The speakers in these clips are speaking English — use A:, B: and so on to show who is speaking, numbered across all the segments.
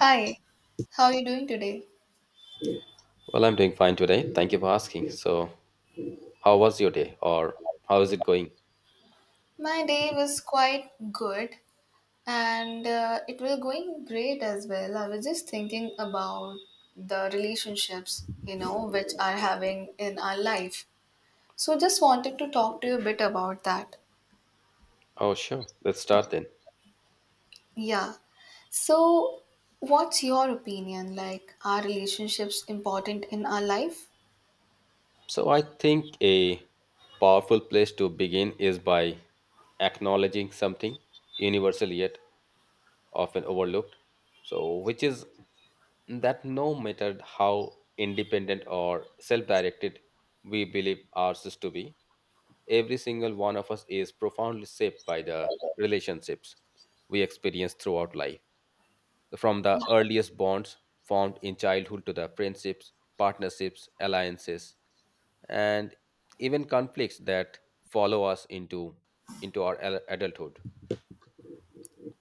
A: Hi, how are you doing today?
B: Well, I'm doing fine today. Thank you for asking. So, how was your day or how is it going?
A: My day was quite good and it was going great as well. I was just thinking about the relationships, which are having in our life. So just wanted to talk to you a bit about that.
B: Oh, sure. Let's start then.
A: Yeah. So what's your opinion? Like, are relationships important in our life?
B: So, I think a powerful place to begin is by acknowledging something universal yet often overlooked. So, which is that no matter how independent or self directed we believe ourselves to be, every single one of us is profoundly shaped by the relationships we experience throughout life. From the earliest bonds formed in childhood to the friendships, partnerships, alliances, and even conflicts that follow us into our adulthood.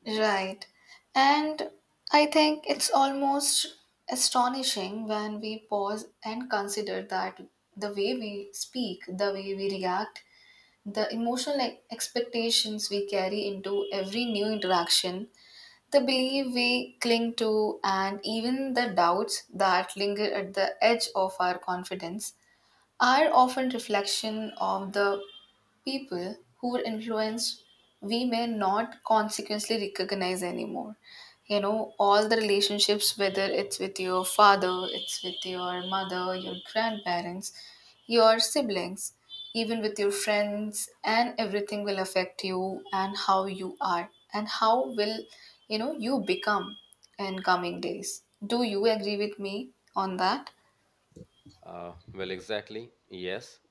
A: Right. And I think it's almost astonishing when we pause and consider that the way we speak, the way we react, the emotional expectations we carry into every new interaction, the belief we cling to, and even the doubts that linger at the edge of our confidence are often reflection of the people who were influenced we may not consequently recognize anymore. All the relationships, whether it's with your father, it's with your mother, your grandparents, your siblings, even with your friends, and everything will affect you and how you are and how will you become in coming days. Do you agree with me on that?
B: Well, exactly. Yes,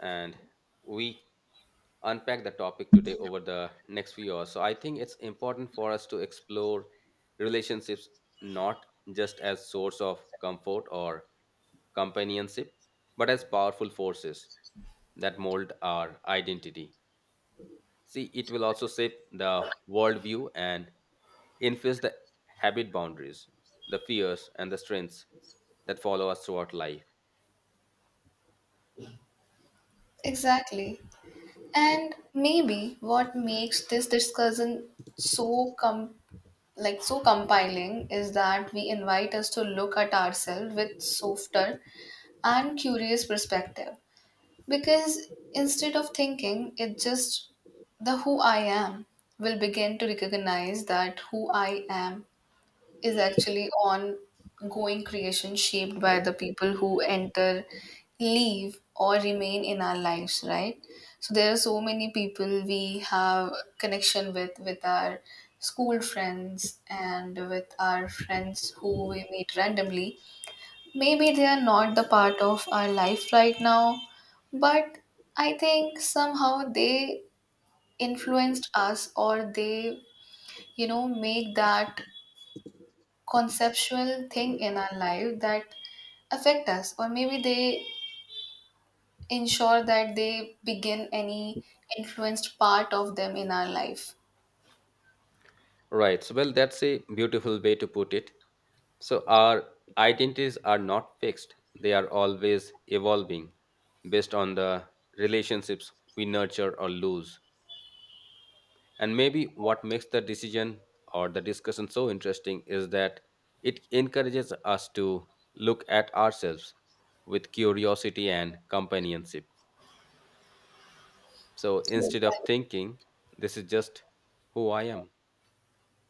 B: and we unpack the topic today over the next few hours. So I think it's important for us to explore relationships not just as source of comfort or companionship, but as powerful forces that mold our identity. See, it will also shape the worldview and influence the habit boundaries, the fears and the strengths that follow us throughout life.
A: Exactly. And maybe what makes this discussion so com- like so compiling is that we invite us to look at ourselves with softer and curious perspective. Because instead of thinking it just the who I am will begin to recognize that who I am is actually ongoing creation shaped by the people who enter, leave, or remain in our lives, right? So there are so many people we have connection with our school friends and with our friends who we meet randomly. Maybe they are not the part of our life right now, but I think somehow they influenced us or they make that conceptual thing in our life that affect us or maybe they ensure that they begin any influenced part of them in our life.
B: Right. So, well, that's a beautiful way to put it. So, our identities are not fixed, they are always evolving based on the relationships we nurture or lose. And maybe what makes the decision or the discussion so interesting is that it encourages us to look at ourselves with curiosity and companionship. So,
A: Yes.
B: instead of thinking, this is just who I am.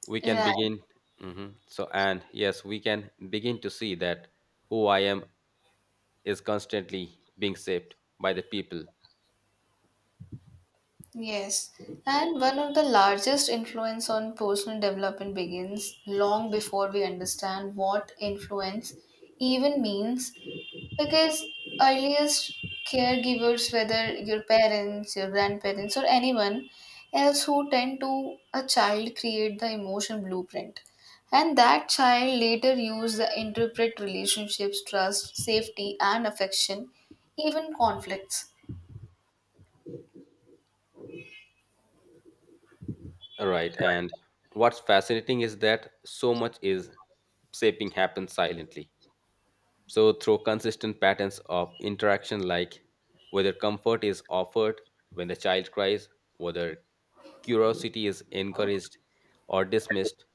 B: We can
A: Right.
B: begin so and yes we can begin to see that who I am is constantly being shaped by the people.
A: Yes, and one of the largest influence on personal development begins long before we understand what influence even means. Because earliest caregivers, whether your parents, your grandparents, or anyone else who tend to a child create the emotion blueprint. And that child later use the interpret relationships, trust, safety, and affection, even conflicts.
B: Right, and what's fascinating is that so much is shaping happens silently, so through consistent patterns of interaction, like whether comfort is offered when the child cries, whether curiosity is encouraged or dismissed,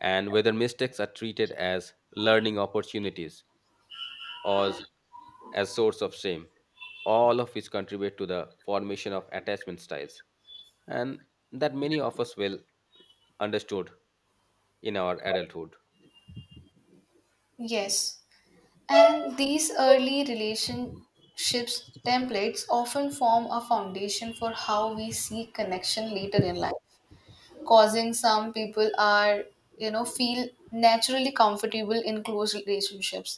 B: and whether mistakes are treated as learning opportunities, as as source of shame, all of which contribute to the formation of attachment styles, and that many of us will understood in our adulthood.
A: Yes. And these early relationships templates often form a foundation for how we seek connection later in life, causing some people are feel naturally comfortable in close relationships,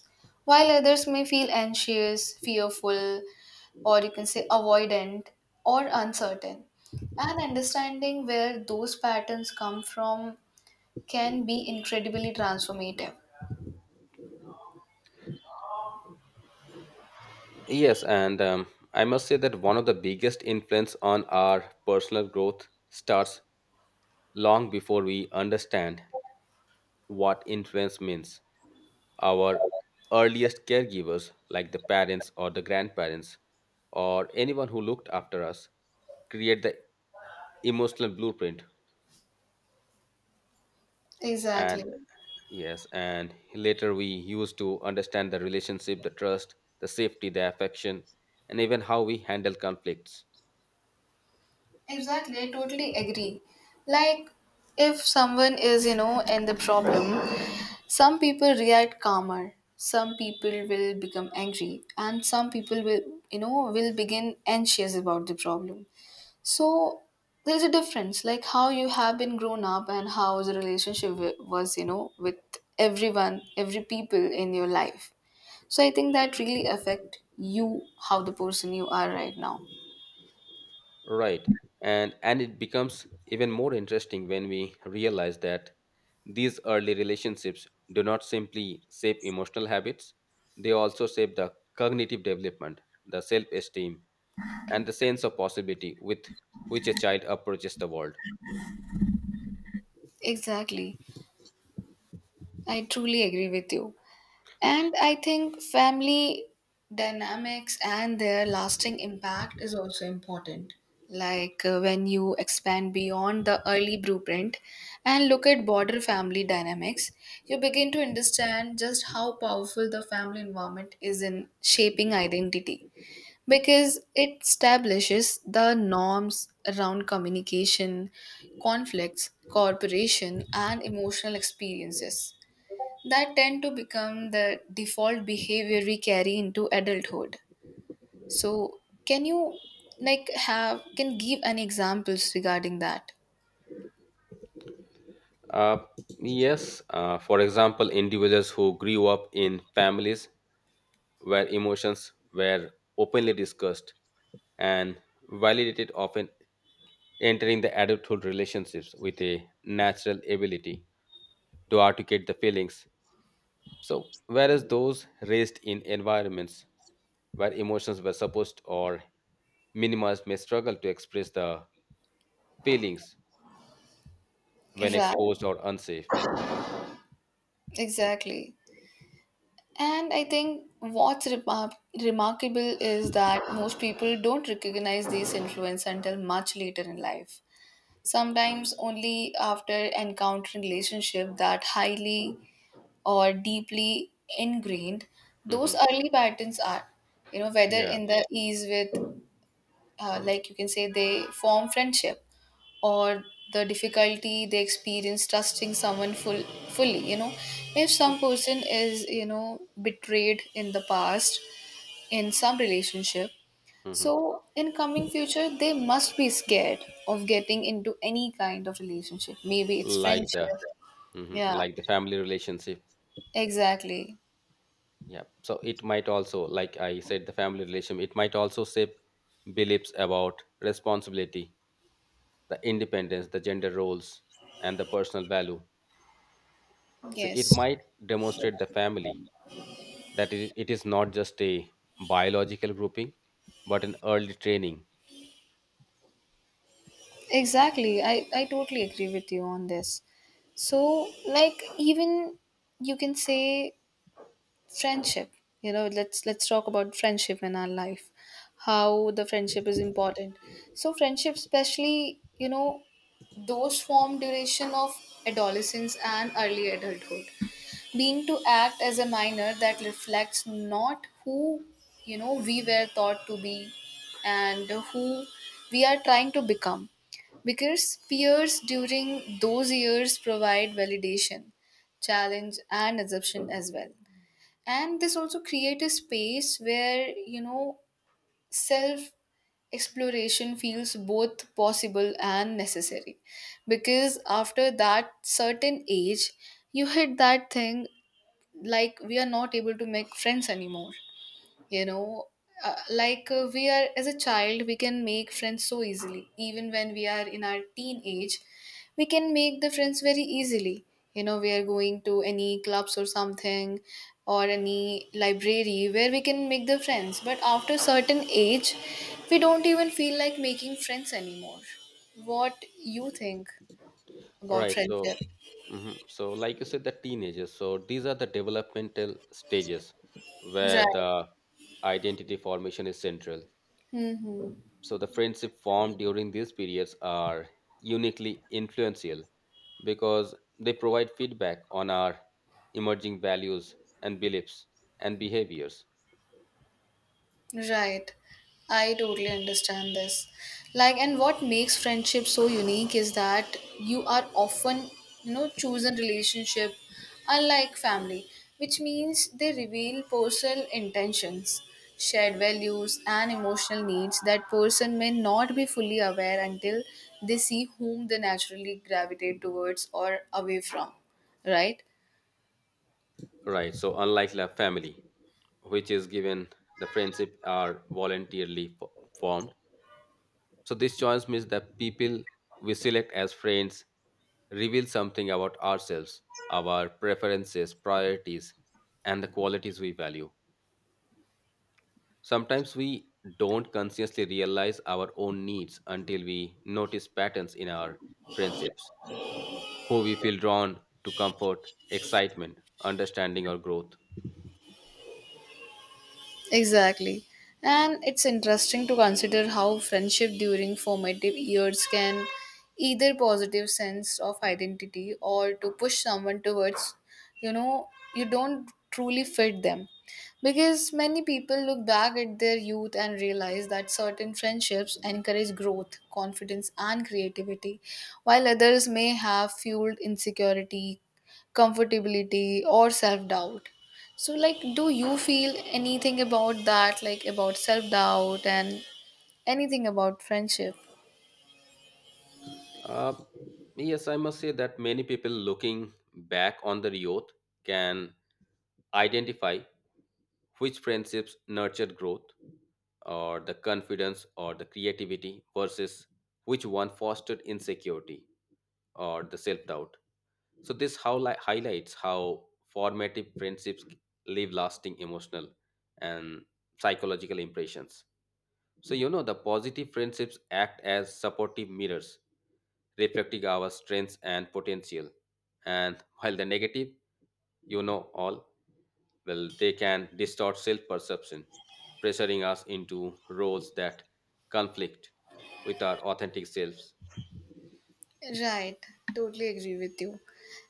A: while others may feel anxious, fearful, or you can say avoidant or uncertain, and understanding where those patterns come from can be incredibly transformative.
B: Yes, and I must say that one of the biggest influence on our personal growth starts long before we understand what influence means. Our earliest caregivers, like the parents or the grandparents or anyone who looked after us, create the emotional blueprint.
A: Exactly.
B: And yes, and later we use to understand the relationship, the trust, the safety, the affection, and even how we handle conflicts.
A: Exactly, I totally agree. Like, if someone is in the problem, some people react calmer, some people will become angry, and some people will begin anxious about the problem. So, there's a difference, like how you have been grown up and how the relationship was with everyone, every people in your life. So, I think that really affect you, how the person you are right now.
B: Right. And it becomes even more interesting when we realize that these early relationships do not simply shape emotional habits, they also shape the cognitive development, the self-esteem, and the sense of possibility with which a child approaches the world.
A: Exactly. I truly agree with you. And I think family dynamics and their lasting impact is also important. Like, when you expand beyond the early blueprint and look at broader family dynamics, you begin to understand just how powerful the family environment is in shaping identity because it establishes the norms around communication, conflicts, cooperation, and emotional experiences that tend to become the default behavior we carry into adulthood. So can you like have can give an examples regarding that?
B: Uh, yes, for example, individuals who grew up in families where emotions were openly discussed and validated, often entering the adulthood relationships with a natural ability to articulate the feelings. So, whereas those raised in environments where emotions were suppressed or minimized may struggle to express the feelings when
A: Right,
B: exposed or unsafe.
A: exactly. And I think what's remarkable is that most people don't recognize these influence until much later in life. Sometimes only after encountering relationship that highly or deeply ingrained, those
B: Hmm.
A: early patterns are whether
B: Yeah.
A: in the ease with, like you can say, they form friendship or the difficulty they experience trusting someone fully. If some person is betrayed in the past in some relationship,
B: Mhm.
A: so in coming future, they must be scared of getting into any kind of relationship. Maybe it's
B: like the
A: friendship.
B: mhm,
A: Yeah,
B: like the family relationship.
A: exactly.
B: Yeah, so it might also, like I said, the family relation, it might also shape beliefs about responsibility, the independence, the gender roles, and the personal value. So it
A: Yes.
B: might demonstrate the family that it is not just a biological grouping, but an early training.
A: Exactly. I totally agree with you on this. So, like, even you can say friendship. Let's talk about friendship in our life. How the friendship is important? So friendship, especially those form duration of adolescence and early adulthood, being to act as a minor that reflects not who we were thought to be and who we are trying to become. Because peers during those years provide validation, challenge, and assumption as well, and this also create a space where self exploration feels both possible and necessary. Because after that certain age you hit that thing, like we are not able to make friends anymore. you know like, we are as a child we can make friends so easily, even when we are in our teenage we can make the friends very easily. We are going to any clubs or something or any library where we can make the friends, but after certain age we don't even feel like making friends anymore. What you think
B: All
A: about
B: right. So,
A: friendship?
B: mhm. so like you said, the teenagers. So these are the developmental stages where
A: Right.
B: the identity formation is central.
A: Mm-hmm.
B: So the friendship formed during these periods are uniquely influential because they provide feedback on our emerging values and beliefs and behaviors.
A: Right. I totally understand this. Like, and what makes friendship so unique is that you are often chosen relationship unlike family, which means they reveal personal intentions, shared values, and emotional needs that person may not be fully aware until they see whom they naturally gravitate towards or away from, right?
B: Right. So unlike the family, which is given, the friendship are voluntarily formed. So this choice means that people we select as friends reveal something about ourselves, our preferences, priorities, and the qualities we value. Sometimes we don't consciously realize our own needs until we notice patterns in our friendships, who we feel drawn to comfort, excitement, understanding, or growth.
A: Exactly. And it's interesting to consider how friendship during formative years can either positive sense of identity or to push someone towards, you know, you don't truly fit them. Because many people look back at their youth and realize that certain friendships encourage growth, confidence, and creativity, while others may have fueled insecurity, comfortability, or self doubt. So, like, do you feel anything about that, like about self doubt and anything about friendship?
B: Uh, yes, I must say that many people looking back on the youth can identify which friendships nurtured growth or the confidence or the creativity versus which one fostered insecurity or the self doubt. So, this how highlights how formative friendships leave lasting emotional and psychological impressions. So, you know, the positive friendships act as supportive mirrors reflecting our strengths and potential. And while the negative, you know all, well, they can distort self perception, pressuring us into roles that conflict with our authentic selves.
A: Right, totally agree with you.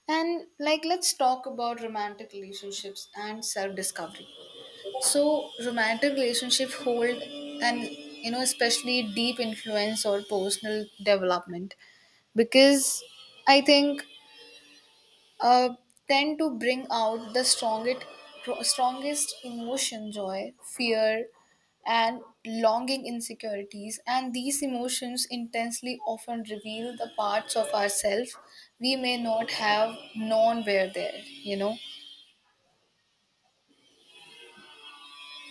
A: And, like, let's talk about romantic relationships and self discovery. So, romantic relationship hold an especially deep influence or personal development because I think uh, tend to bring out the strongest emotion joy, fear, and longing insecurities. And these emotions intensely often reveal the parts of ourselves we may not have known were there.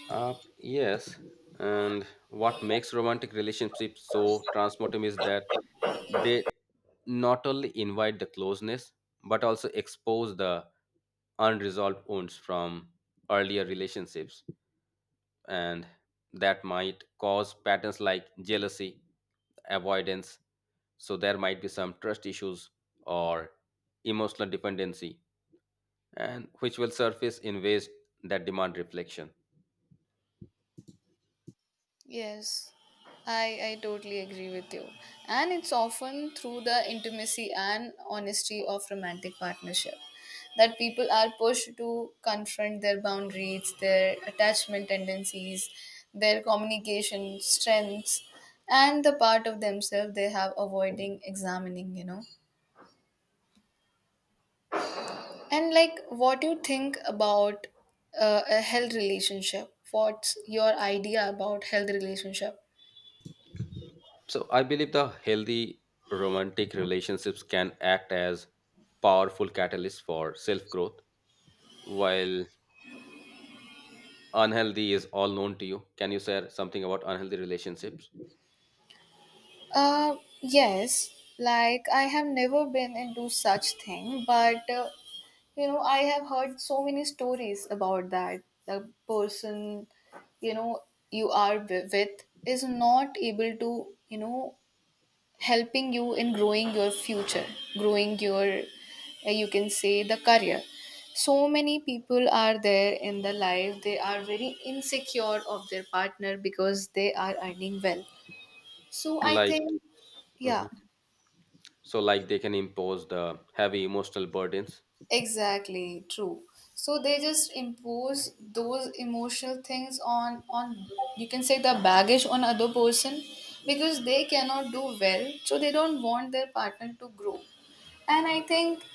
B: Yes, and what makes romantic relationships so transformative is that they not only invite the closeness but also expose the unresolved wounds from earlier relationships, and that might cause patterns like jealousy, avoidance. So there might be some trust issues or emotional dependency, and which will surface in ways that demand reflection.
A: Yes, I totally agree with you. And it's often through the intimacy and honesty of romantic partnership that people are pushed to confront their boundaries, their attachment tendencies, their communication strengths, and the part of themselves they have avoiding examining. And like, what do you think about a health relationship? What's your idea about health relationship?
B: So I believe the healthy romantic relationships can act as powerful catalysts for self growth, while unhealthy is all known to you. Can you share something about unhealthy relationships?
A: Uh, yes, like I have never been into such thing, but I have heard so many stories about that. The person, you know, you are with is not able to helping you in growing your future, growing your, you can say, the career. So many people are there in the life, they are very insecure of their partner because they are earning well. So I
B: Like,
A: think, yeah.
B: mhm. So like they can impose the heavy emotional burdens.
A: Exactly, true. So they just impose those emotional things on you can say the baggage on other person because they cannot do well, so they don't want their partner to grow. And I think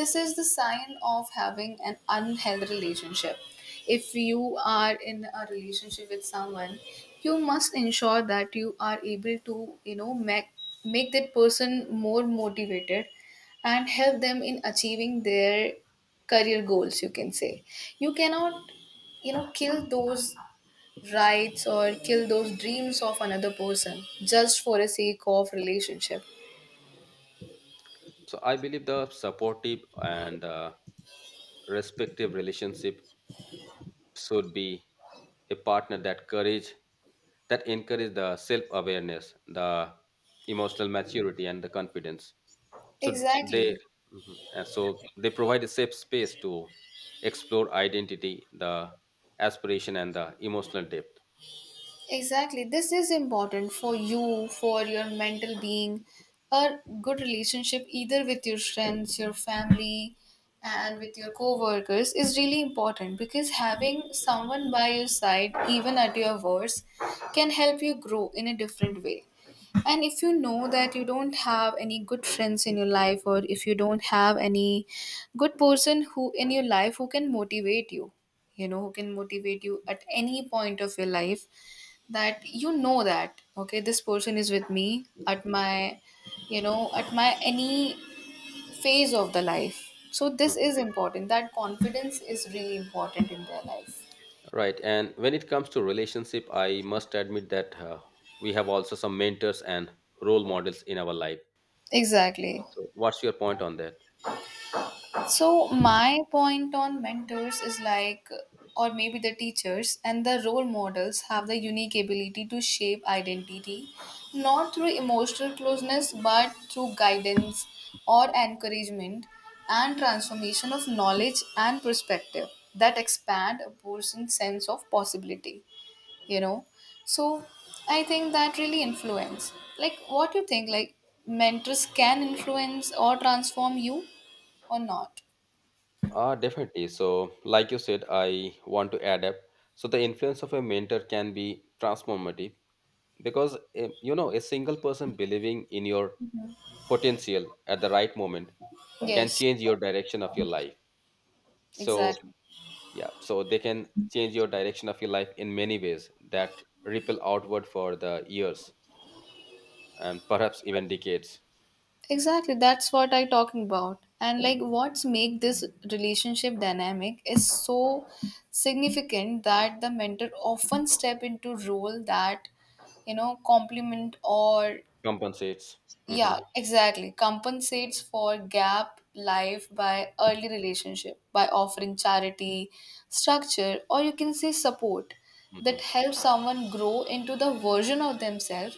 A: this is the sign of having an unhealthy relationship. If you are in a relationship with someone, you must ensure that you are able to make that person more motivated and help them in achieving their career goals, you can say. You cannot kill those rights or kill those dreams of another person just for the sake of relationship.
B: So I believe the supportive and respective relationship should be a partner that courage, that encourage the self awareness, the emotional maturity, and the confidence. So they...
A: Exactly.
B: Mhm. So they provide a safe space to explore identity, the aspiration, and the emotional depth.
A: Exactly. This is important for you, for your mental being. A good relationship, either with your friends, your family, and with your co workers, is really important because having someone by your side, even at your worst, can help you grow in a different way. And if you know that you don't have any good friends in your life, or if you don't have any good person who in your life who can motivate you who can motivate you at any point of your life, that you know that okay this person is with me at my you know at my any phase of the life, so this
B: Mhm.
A: is important that confidence is really important in their life.
B: Right, and when it comes to relationship, I must admit that we have also some mentors and role models in our life.
A: Exactly.
B: So, what's your point on that?
A: So my point on mentors is like or maybe the teachers and the role models have the unique ability to shape identity not through emotional closeness but through guidance or encouragement and transformation of knowledge and perspective that expand a person's sense of possibility. you know so I think that really influence, like what you think, like mentors can influence or transform you or not?
B: Definitely. So, like you said, I want to add up. So, the influence of a mentor can be transformative because, eh, you know, a single person believing in your potential at the right moment can
A: Yes,
B: change your direction of your life. So,
A: exactly.
B: yeah, so they can change your direction of your life in many ways that ripple outward for the years and perhaps even decades,
A: Exactly, that's what I talking about. And like what's make this relationship dynamic is so significant that the mentor often step into role that complement or
B: compensates. Hmm.
A: Yeah, exactly. Compensates for gap life by early relationship by offering charity, structure, or you can say support
B: Hmm.
A: that helps someone grow into the version of themselves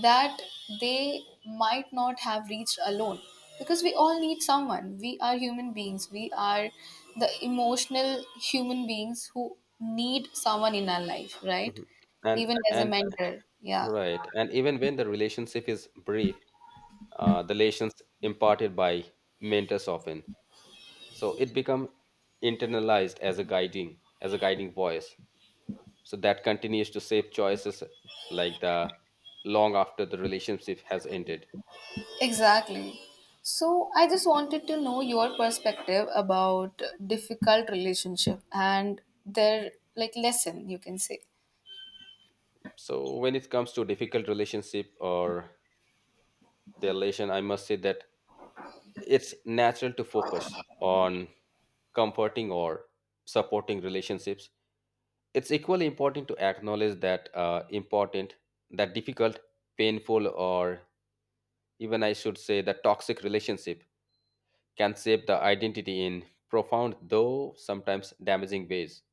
A: that they might not have reached alone. Because we all need someone. We are human beings. We are the emotional human beings who need someone in our life, right?
B: Hmm. And
A: Even as a
B: and
A: mentor. Yeah.
B: right. And even when the relationship is brief, the lessons imparted by mentors often. So it become internalized as a guiding voice. So that continues to shape choices like the long after the relationship has ended.
A: Exactly. So I just wanted to know your perspective about difficult relationship and their like lesson you can say.
B: So when it comes to difficult relationship or the relation, I must say that it's natural to focus on comforting or supporting relationships, it's equally important to acknowledge that important that difficult, painful, or even I should say that toxic relationship can shape the identity in profound though sometimes damaging ways.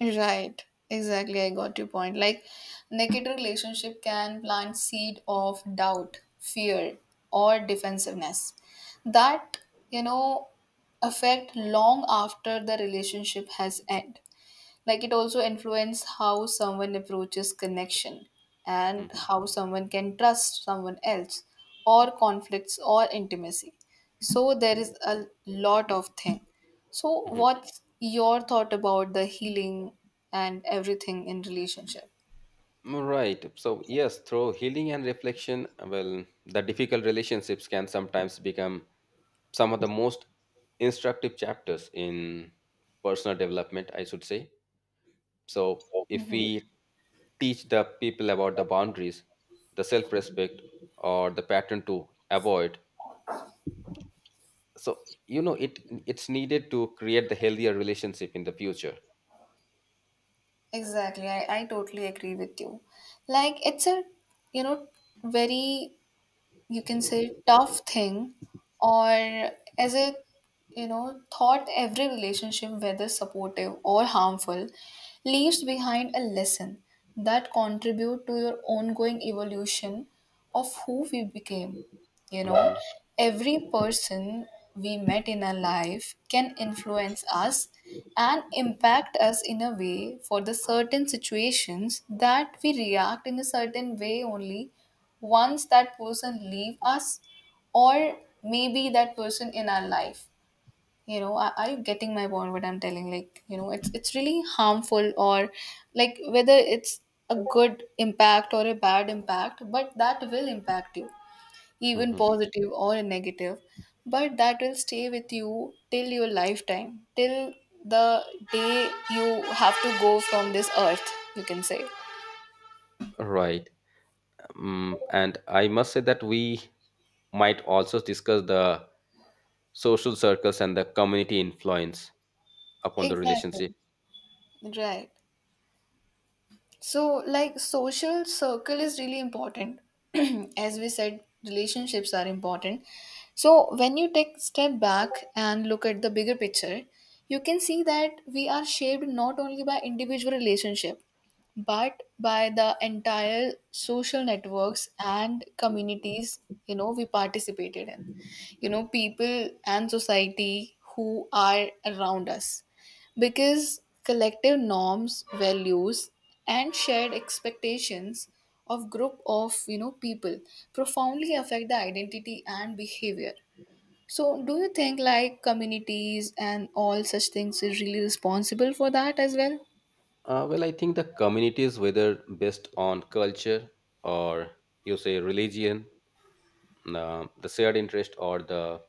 A: Right. Exactly. I got your point. Like negative relationship can plant seed of doubt, fear or defensiveness that you know affect long after the relationship has end. Like it also influences how someone approaches connection and
B: Mhm,
A: how someone can trust someone else or conflicts or intimacy so there is a lot of thing so
B: mhm.
A: what's your thought about the healing and everything in relationship.
B: Mm, right, so yes, through healing and reflection, well, the difficult relationships can sometimes become some of the most instructive chapters in personal development, I should say. So if we teach the people about the boundaries, the self-respect, or the pattern to avoid. So you know it's needed to create the healthier relationship in the future.
A: Exactly I totally agree with you like it's a you know very you can say tough thing or as a you know thought every relationship whether supportive or harmful leaves behind a lesson that contribute to your ongoing evolution of who we became. You know
B: Hmm.
A: every person we met in our life can influence us and impact us in a way for the certain situations that we react in a certain way only once that person leave us or maybe that person in our life you know are you getting my point what I'm telling like you know it's really harmful or like whether it's a good impact or a bad impact but that will impact you even
B: Hmm.
A: positive or negative, but that will stay with you till your lifetime, till the day you have to go from this earth, you can say.
B: Right. And I must say that we might also discuss the social circles and the community influence upon the
A: Exactly.
B: relationship.
A: Right. So, like, social circle is really important. As we said, relationships are important. So, when you take step back and look at the bigger picture, you can see that we are shaped not only by individual relationship, but by the entire social networks and communities, you know, we participated in. You know, people and society who are around us because collective norms, values, and shared expectations of group of you know people profoundly affect the identity and behavior. So do you think like communities and all such things is really responsible for that as well?
B: Well, I think the communities, whether based on culture or you say religion, the shared interest or the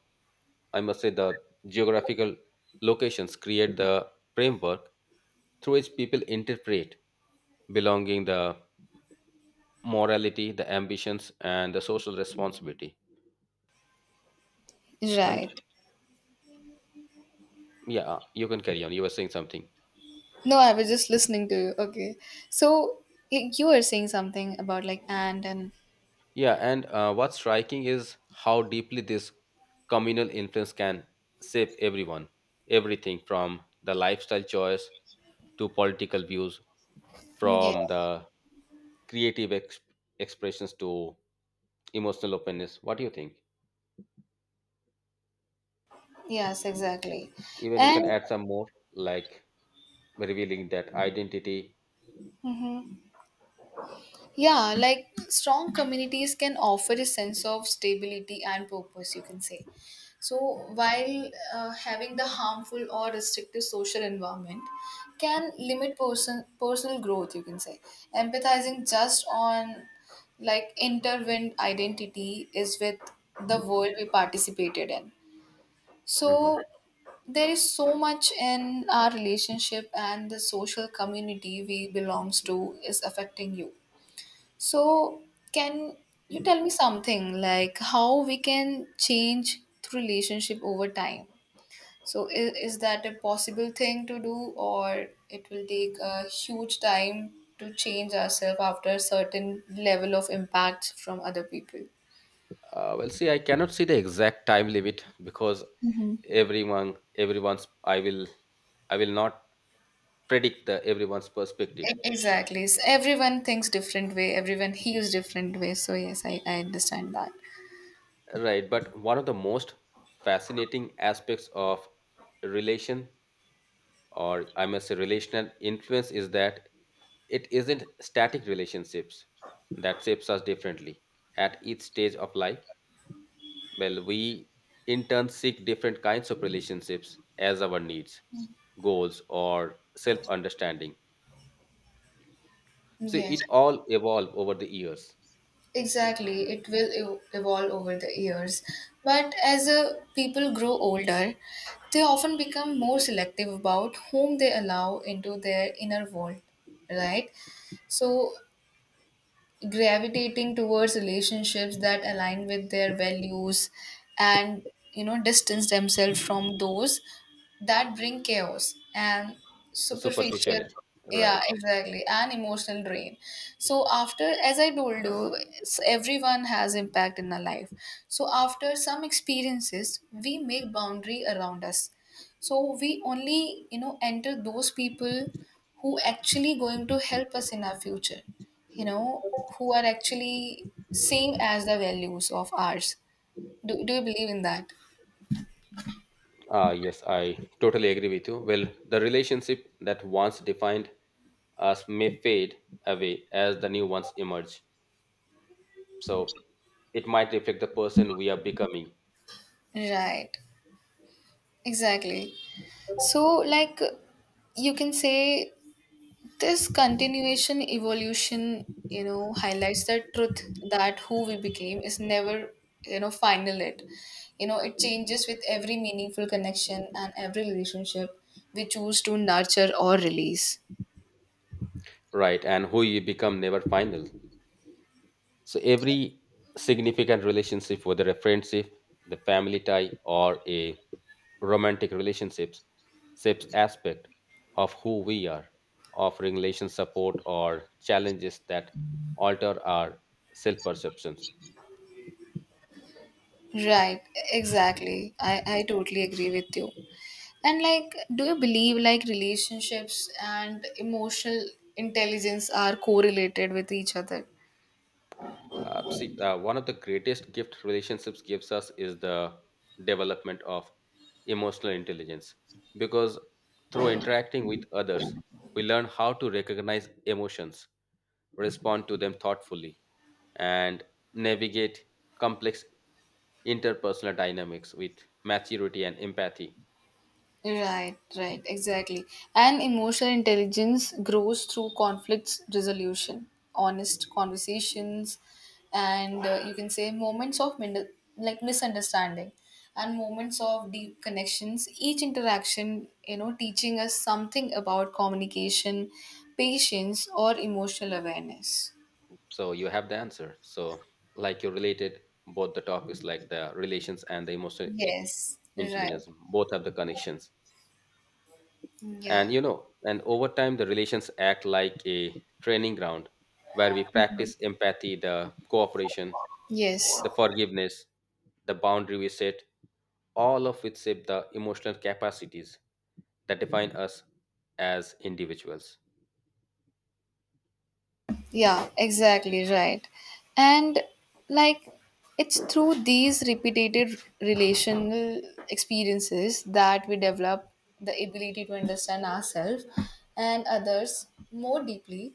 B: I must say, the geographical locations create the framework through which people interpret belonging, the morality, the ambitions, and the social responsibility. And
A: Right.
B: yeah, you can carry on. You were saying something.
A: No, I was just listening to you. Okay. So you were saying something about like and
B: Yeah, and what's striking is how deeply this communal influence can shape everything from the lifestyle choice to political views, from
A: yes.
B: the creative expressions to emotional openness. What do you think?
A: Yes, exactly.
B: Even you
A: And
B: can add some more, like revealing that identity.
A: mhm. Yeah, like strong communities can offer a sense of stability and purpose, you can say. So, while having the harmful or restrictive social environment can limit person, personal growth, you can say. Empathizing just on like intertwined identity is with the world we participated in.
B: Mhm.
A: So, there is so much in our relationship and the social community we belongs to is affecting you so, can you tell me something like how we can change the relationship over time? So, is that a possible thing to do, or it will take a huge time to change ourselves after a certain level of impact from other people?
B: Well, see, I cannot see the exact time limit because
A: Hmm.
B: everyone's I will not predict the everyone's perspective.
A: Exactly. Everyone thinks different way. Everyone heals different way. So yes, I understand that.
B: Right, but one of the most fascinating aspects of relation or I must say relational influence is that it isn't static relationships that shapes us differently at each stage of life. Well, we in turn seek different kinds of relationships as our needs, goals, or self understanding. So
A: Yes.
B: it all evolve over the years.
A: Exactly, it will evolve over the years. But as people grow older, they often become more selective about whom they allow into their inner world, right? So gravitating towards relationships that align with their values and you know distance themselves from those that bring chaos and
B: The
A: superficial,
B: superficiality,
A: yeah
B: right?
A: exactly, and emotional drain so after as I told you everyone has impact in our life so after some experiences we make boundary around us so we only you know enter those people who actually going to help us in our future you know, who are actually same as the values of ours. Do you believe in that?
B: Ah, yes, I totally agree with you. Well, the relationship that once defined us may fade away as the new ones emerge. So it might reflect the person we are becoming,
A: Right, exactly. So, like, you can say this continuation evolution, you know, highlights the truth that who we became is never, you know, final it. You know, it changes with every meaningful connection and every relationship we choose to nurture or release.
B: right? And who you become never final. So every significant relationship, whether a friendship, the family tie, or a romantic relationships, shapes aspect of who we are, offering relation support or challenges that alter our self-perceptions.
A: Right, exactly. I totally agree with you. And like, do you believe like relationships and emotional intelligence are correlated with each other?
B: See, one of the greatest gift relationships gives us is the development of emotional intelligence, because through interacting with others, we learn how to recognize emotions, respond to them thoughtfully, and navigate complex interpersonal dynamics with maturity and empathy.
A: Right, right, exactly. And emotional intelligence grows through conflicts resolution, honest conversations, and you can say moments of like misunderstanding and moments of deep connections. Each interaction, you know, teaching us something about communication, patience, or emotional awareness.
B: So you have the answer. So like you related both the topics like the relations and the emotional
A: Yes, right.
B: intelligence, both have the connections.
A: Yeah.
B: And you know, and over time the relations act like a training ground where we practice empathy, the cooperation,
A: Yes.
B: the forgiveness, the boundary we set, all of which shape the emotional capacities that define us as individuals.
A: Yeah, exactly right. And like it's through these repeated relational experiences that we develop the ability to understand ourselves and others more deeply,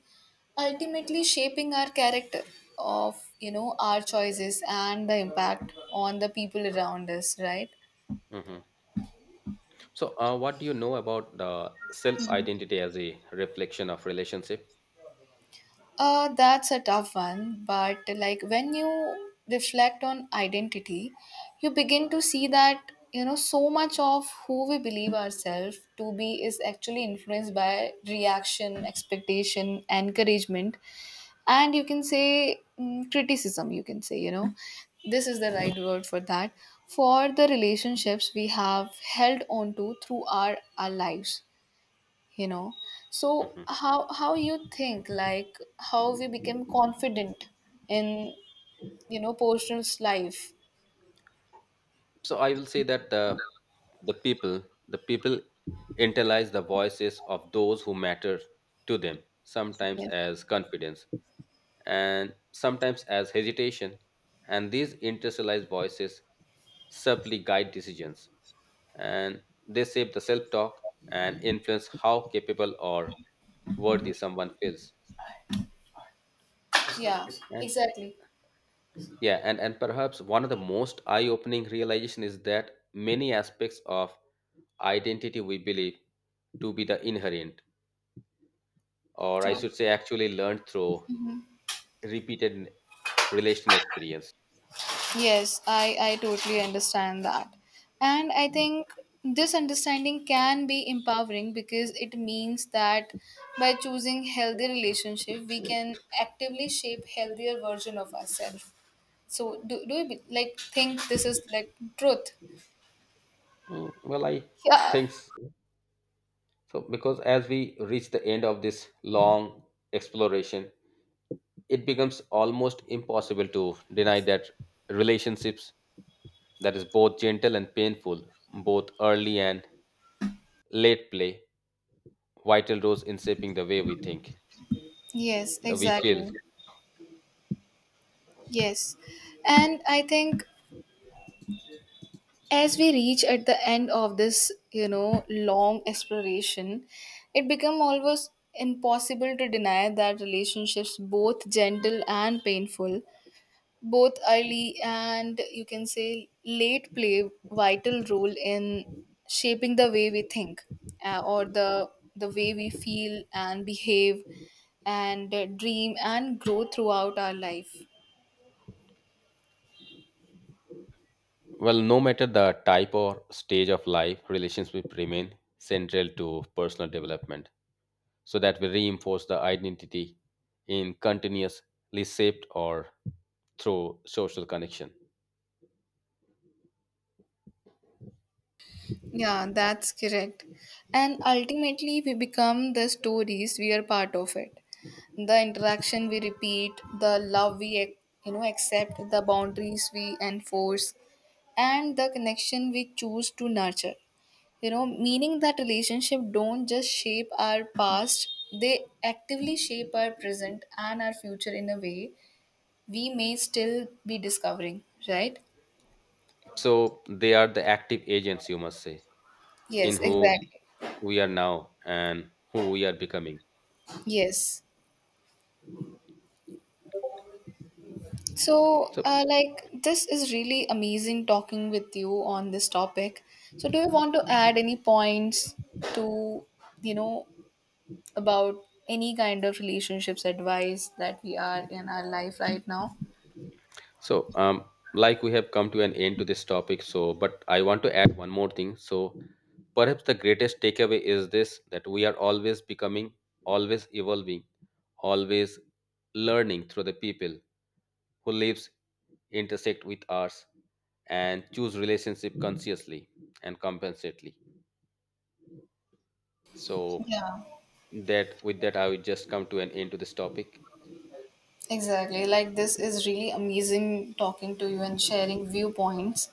A: ultimately shaping our character of, you know, our choices and the impact on the people around us, right?
B: Mhm. So, what do you know about the self identity as a reflection of relationship?
A: That's a tough one, but like when you reflect on identity, you begin to see that you know so much of who we believe ourselves to be is actually influenced by reaction, expectation, encouragement, and you can say criticism. You can say, you know, this is the right word for that. For the relationships we have held on to through our lives you know so
B: Mhm.
A: how you think like how we became confident in you know personal's life.
B: So, I will say that the people the people internalize the voices of those who matter to them, sometimes
A: Yeah,
B: as confidence and sometimes as hesitation, and these internalized voices subtly guide decisions, and they shape the self talk and influence how capable or worthy someone feels.
A: yeah
B: and
A: exactly.
B: yeah and, and perhaps one of the most eye-opening realization is that many aspects of identity we believe to be the inherent, or I should say actually learned through repeated relational experience.
A: Yes I totally understand that and I think this understanding can be empowering because it means that by choosing healthy relationship we can actively shape healthier version of ourselves so do you like think this is like truth.
B: Mm, well, I
A: Yeah
B: think so because as we reach the end of this long exploration, it becomes almost impossible to deny that relationships that is both gentle and painful, both early and late play vital roles in shaping the way we think,
A: yes
B: the we feel.
A: exactly. Yes. And I think as we reach at the end of this, you know, long exploration, it become almost impossible to deny that relationships both gentle and painful, both early and you can say late play vital role in shaping the way we think or the way we feel and behave and dream and grow throughout our life.
B: Well, no matter the type or stage of life, relationships remain central to personal development so that we reinforce the identity in continuously shaped or through social connection.
A: Yeah, that's correct. And ultimately, we become the stories we are part of it. The interaction we repeat, the love we you know accept, the boundaries we enforce, and the connection we choose to nurture. You know, meaning that relationship don't just shape our past; they actively shape our present and our future in a way we may still be discovering. Right?
B: So they are the active agents, you must say, in
A: Yes,
B: who
A: exactly.
B: we are now and who we are becoming.
A: Yes. So,
B: So...
A: like, this is really amazing talking with you on this topic. So, do you want to add any points to, you know, about any kind of relationships advice that we are in our life right now?
B: So, like we have come to an end to this topic, so but I want to add one more thing. So, perhaps the greatest takeaway is this that we are always becoming, always evolving, always learning through the people who lives intersect with us and choose relationship consciously and compensately. So
A: Yeah,
B: that, with that, I will just come to an end to this topic.
A: exactly. Like, this is really amazing talking to you and sharing viewpoints.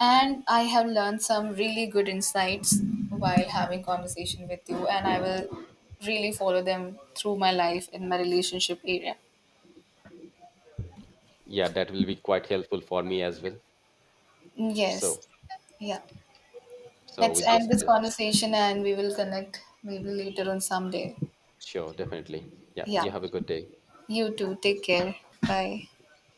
A: And I have learned some really good insights while having conversation with you, and I will really follow them through my life in my relationship area.
B: Yeah, that will be quite helpful for me as well.
A: Yes.
B: So,
A: Yeah.
B: so
A: Let's
B: with this,
A: end this conversation and we will connect maybe later on someday.
B: sure, definitely. Yeah, you
A: Yeah.
B: have a good day.
A: You too. Take care. Bye.